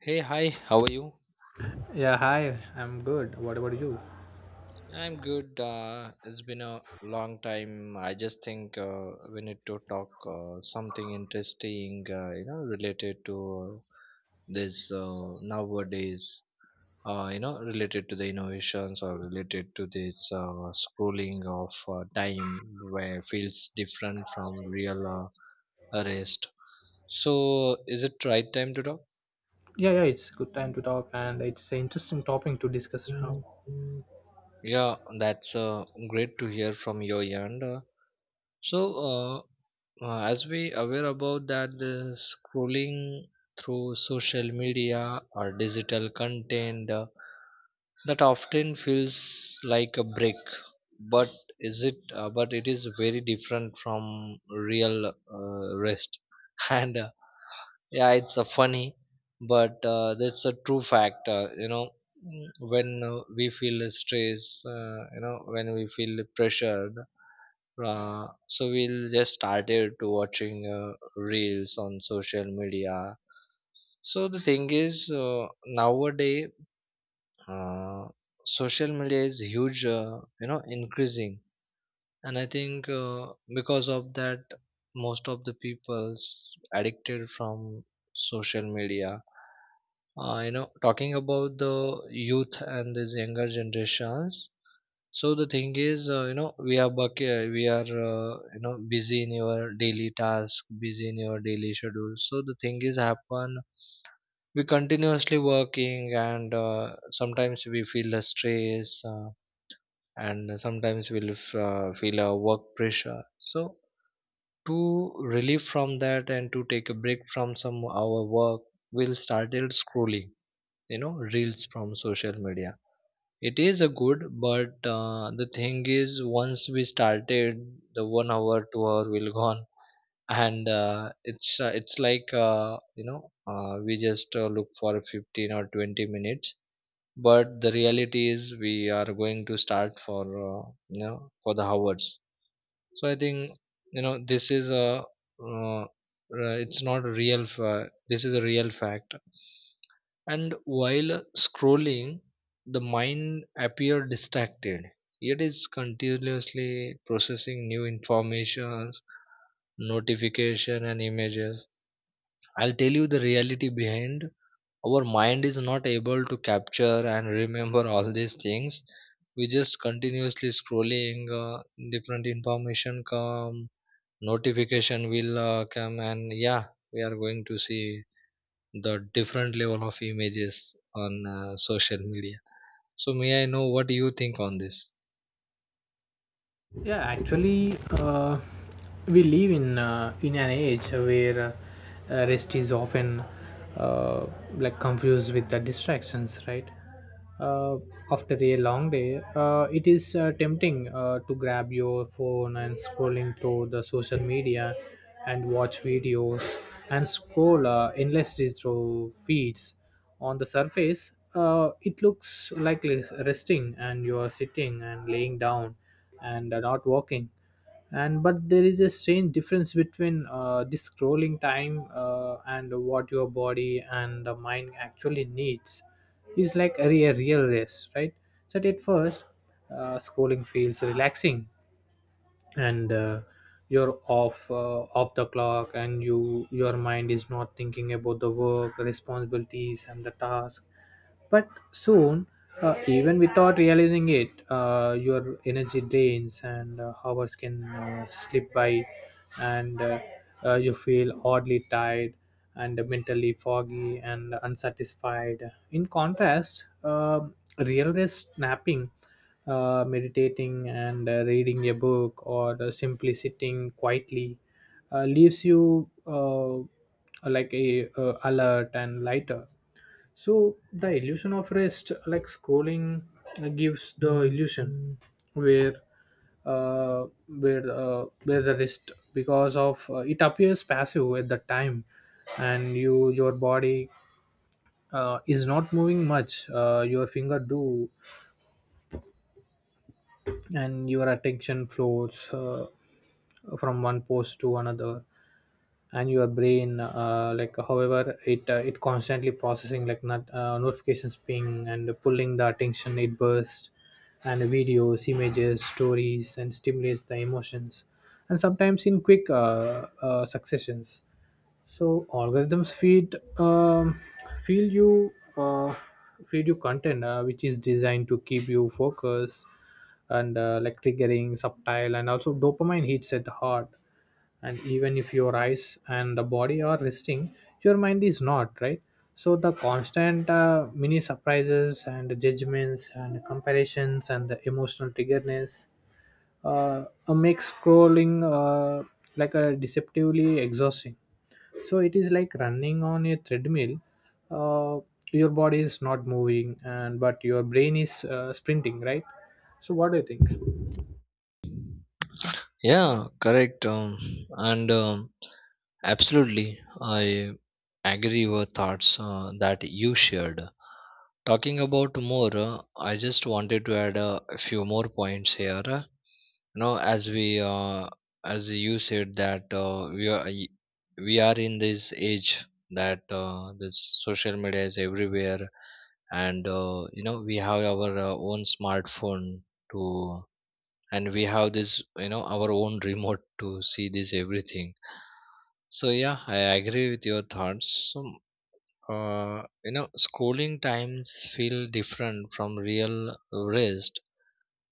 Hey, hi, how are you? Yeah, hi, I'm good. What about you? I'm good. It's been a long time. I just think we need to talk something interesting, related to this nowadays, related to the innovations or related to this scrolling of time where feels different from real rest. So, is it right time to talk? Yeah, yeah, it's good time to talk and it's an interesting topic to discuss now. Yeah, that's great to hear from your end. So, as we aware about that, the scrolling through social media or digital content that often feels like a break, but is it? But it is very different from real rest, and yeah, it's a funny, but that's a true fact. When we feel stress, when we feel pressured so we'll just started to watching reels on social media. So the thing is, nowadays, uh, social media is huge, increasing, and I think because of that, most of the people's addicted from social media. Talking about the youth and these younger generations, so the thing is, we are bucket, we are, busy in your daily task, busy in your daily schedule. So the thing is, happen we continuously working, and sometimes we feel the stress, and sometimes we feel a work pressure. So to relieve from that and to take a break from some our work, we'll started scrolling, reels from social media, it is a good, but the thing is, once we started, the 1 hour, 2 hour will gone, and it's it's like we just look for 15 or 20 minutes, but the reality is we are going to start for for the hours. So I think this is a uh, uh, it's not a real. This is a real fact, and while scrolling, the mind appears distracted. It is continuously processing new informations, notification and images. I'll tell you the reality behind. Our mind is not able to capture and remember all these things. We just continuously scrolling, different information come, notification will come, and yeah, we are going to see the different level of images on social media. So may I know what you think on this? Yeah, actually, we live in an age where rest is often uh, like confused with the distractions, right? Uh, After a long day, it is tempting to grab your phone and scrolling through the social media and watch videos and scroll endlessly through feeds. On the surface, it looks like resting, and you are sitting and laying down and are not walking and but there is a strange difference between this scrolling time and what your body and the mind actually needs is like a real rest, right? So at first, scrolling feels relaxing, and you're off the clock, and your mind is not thinking about the work responsibilities and the task. But soon, even without realizing it, your energy drains and hours can slip by, and you feel oddly tired and mentally foggy and unsatisfied. In contrast, real rest, napping, meditating, and reading a book, or simply sitting quietly leaves you like a alert and lighter. So the illusion of rest, like scrolling, gives the illusion where where the rest, because of it, appears passive at the time, and your body is not moving much. Your finger do, and your attention flows from one post to another. And your brain, like however it it constantly processing like not, notifications ping and pulling the attention it bursts, and videos, images, stories, and stimulates the emotions, and sometimes in quick successions. So algorithms feed you uh, feed you content which is designed to keep you focused and like triggering subtle, and also dopamine hits at the heart. And even if your eyes and the body are resting, your mind is not, right? So the constant mini surprises and judgments and comparisons and the emotional triggerness makes scrolling like a deceptively exhausting. So it is like running on a treadmill, uh, your body is not moving, and but your brain is sprinting, right? So what do you think? Yeah, correct. And absolutely, I agree with thoughts that you shared. Talking about more, I just wanted to add a few more points here. You know, as you said that we are we are in this age that this social media is everywhere, and you know, we have our own smartphone to, and we have this, our own remote to see this everything. So yeah, I agree with your thoughts. So uh, scrolling times feel different from real rest.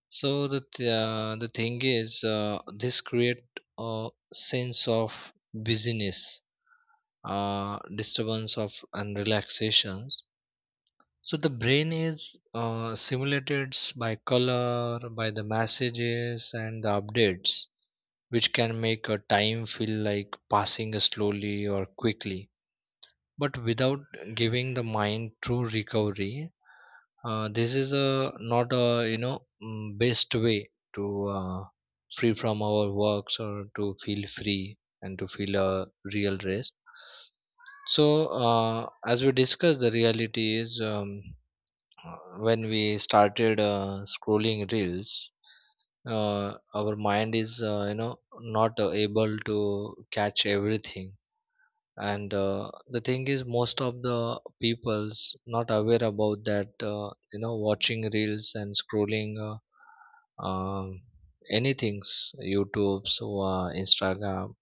So the thing is this create a sense of busyness, uh, disturbance of, and relaxations. So the brain is simulated by color, by the messages and the updates, which can make a time feel like passing slowly or quickly, but without giving the mind true recovery. This is a not a, you know best way to uh, free from our works or to feel free and to feel a real rest. So as we discussed, the reality is uh, when we started scrolling reels, our mind is not able to catch everything. And the thing is most of the people's not aware about that, watching reels and scrolling anything, youtube so instagram.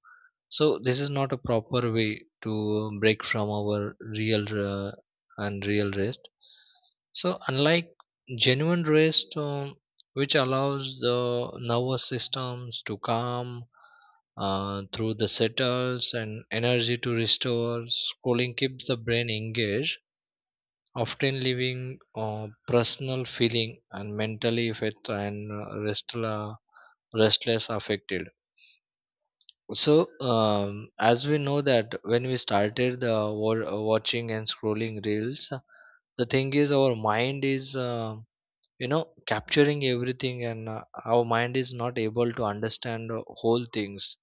So this is not a proper way to break from our real and real rest. So, unlike genuine rest, which allows the nervous systems to calm through the settles and energy to restore, schooling keeps the brain engaged, often leaving personal feeling and mentally fit and restless affected. So, as we know that when we started the watching and scrolling reels, the thing is our mind is. You know capturing everything, and our mind is not able to understand whole things.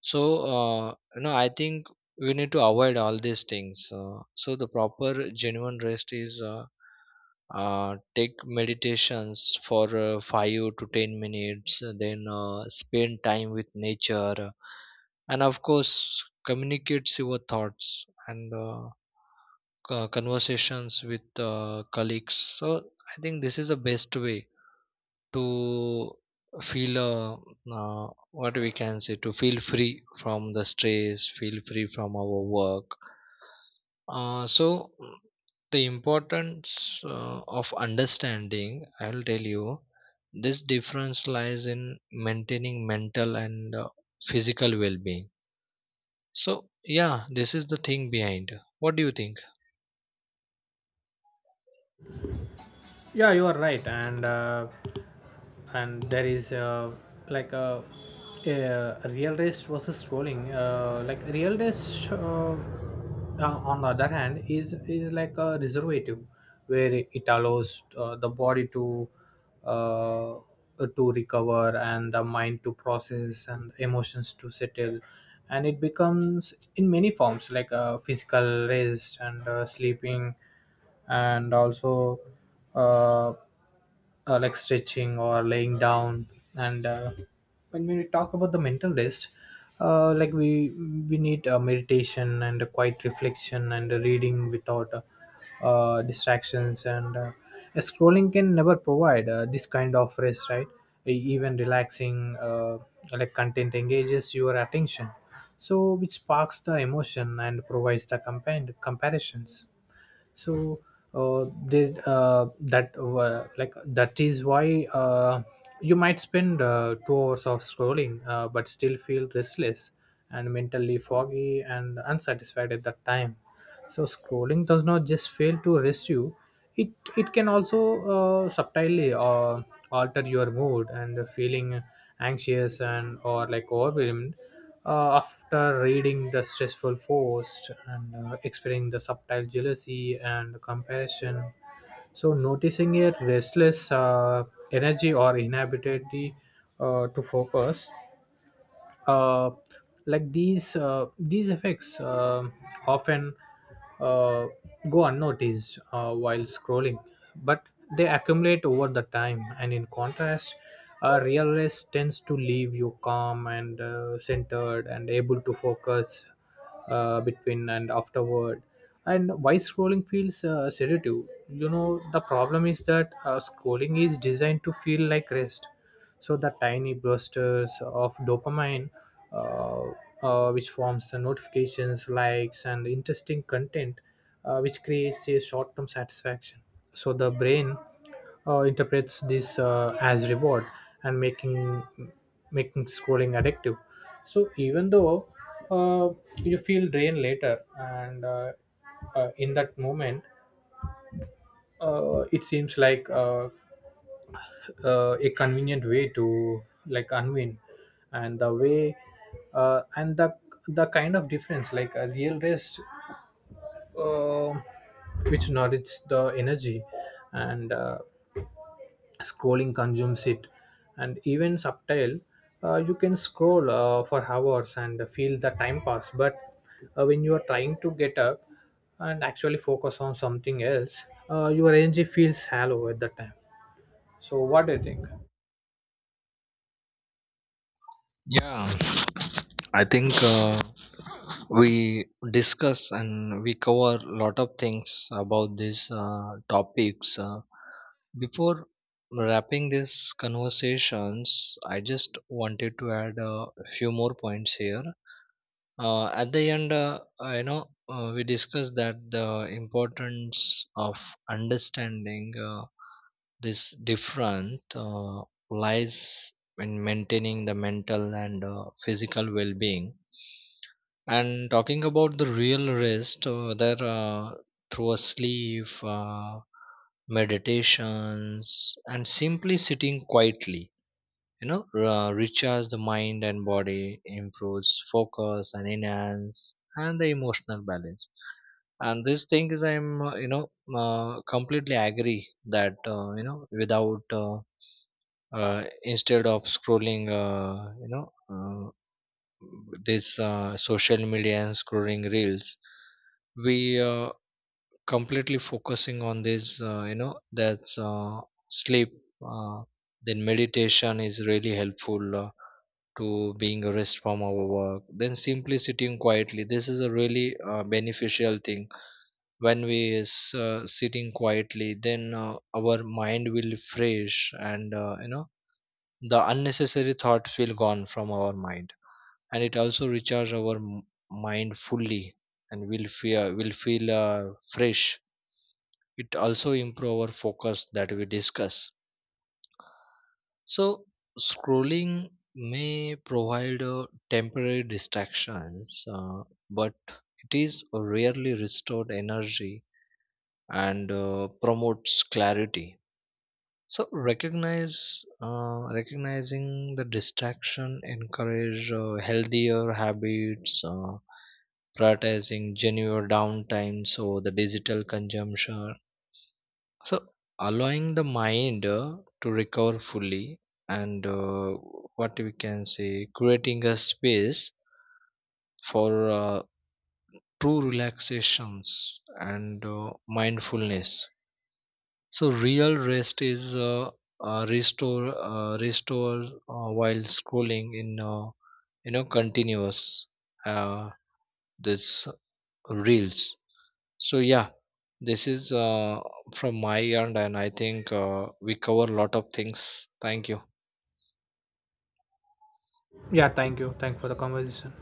So uh, I think we need to avoid all these things. So the proper genuine rest is take meditations for 5 to 10 minutes, then spend time with nature, and of course communicates your thoughts, and conversations with colleagues. So I think this is the best way to feel what we can say, to feel free from the stress, feel free from our work. Uh, so mm, the importance of understanding, I'll tell you, this difference lies in maintaining mental and physical well-being. So yeah, this is the thing behind. What do you think? Yeah, you are right. And there is like uh, a real race versus scrolling, like real race. On the other hand, is like a reservative where it allows the body uh, to recover and the mind to process and emotions to settle. And it becomes in many forms like a physical rest and sleeping, and also uh, like stretching or laying down. And when we talk about the mental rest, like we need meditation and a quiet reflection and a reading without distractions. And scrolling can never provide this kind of rest, right? Even relaxing like content engages your attention, so which sparks the emotion and provides the compare comparisons. So did that like that is why, you might spend 2 hours of scrolling but still feel restless and mentally foggy and unsatisfied at that time. So scrolling does not just fail to rest you, it can also subtly alter your mood and feeling anxious and or like overwhelmed after reading the stressful post and experiencing the subtle jealousy and comparison. So noticing a restless energy or inability to focus, uh, like these effects often uh, go unnoticed while scrolling, but they accumulate over the time. And in contrast, real rest tends to leave you calm and centered and able to focus between and afterward. And why scrolling feels sedative, you know, the problem is that scrolling is designed to feel like rest. So the tiny blusters of dopamine, uh, which forms the notifications, likes, and interesting content, which creates a short-term satisfaction. So the brain interprets this as reward, and making scrolling addictive. So even though, uh, you feel drained later, and in that moment it seems like a convenient way to like unwind. And the way uh, and the the kind of difference like a real rest, uh, which nourishes the energy, and scrolling consumes it. And even subtle, you can scroll for hours and feel the time pass, but when you are trying to get up and actually focus on something else, your energy feels hollow at that time. So what do you think? Yeah, I think we discuss and we cover a lot of things about these topics. Before wrapping these conversations, I just wanted to add a few more points here. At the end, we discussed that the importance of understanding this different lies in maintaining the mental and physical well-being. And talking about the real rest, there through a sleep, meditations, and simply sitting quietly, you know recharge the mind and body, improves focus and enhance and the emotional balance. And this thing is, I'm, completely agree that you know without instead of scrolling, uh, this social media and scrolling reels, we uh, completely focusing on this, that's sleep. uh, then meditation is really helpful to being a rest from our work. Then simply sitting quietly, this is a really beneficial thing. When we is sitting quietly, then our mind will fresh, and the unnecessary thoughts will gone from our mind. And it also recharge our mind fully, and will feel fresh. It also improve our focus that we discuss. So scrolling may provide temporary distractions, but it is rarely restored energy and promotes clarity. So recognize recognizing the distraction encourage healthier habits, prioritizing genuine downtime so the digital consumption. So allowing the mind to recover fully, and what we can say, creating a space for true relaxations and mindfulness. So real rest is restore, while scrolling in continuous uh, this reels. So yeah, this is from my end, and I think we cover a lot of things. Thank you. Yeah, thank you. Thank you for the conversation.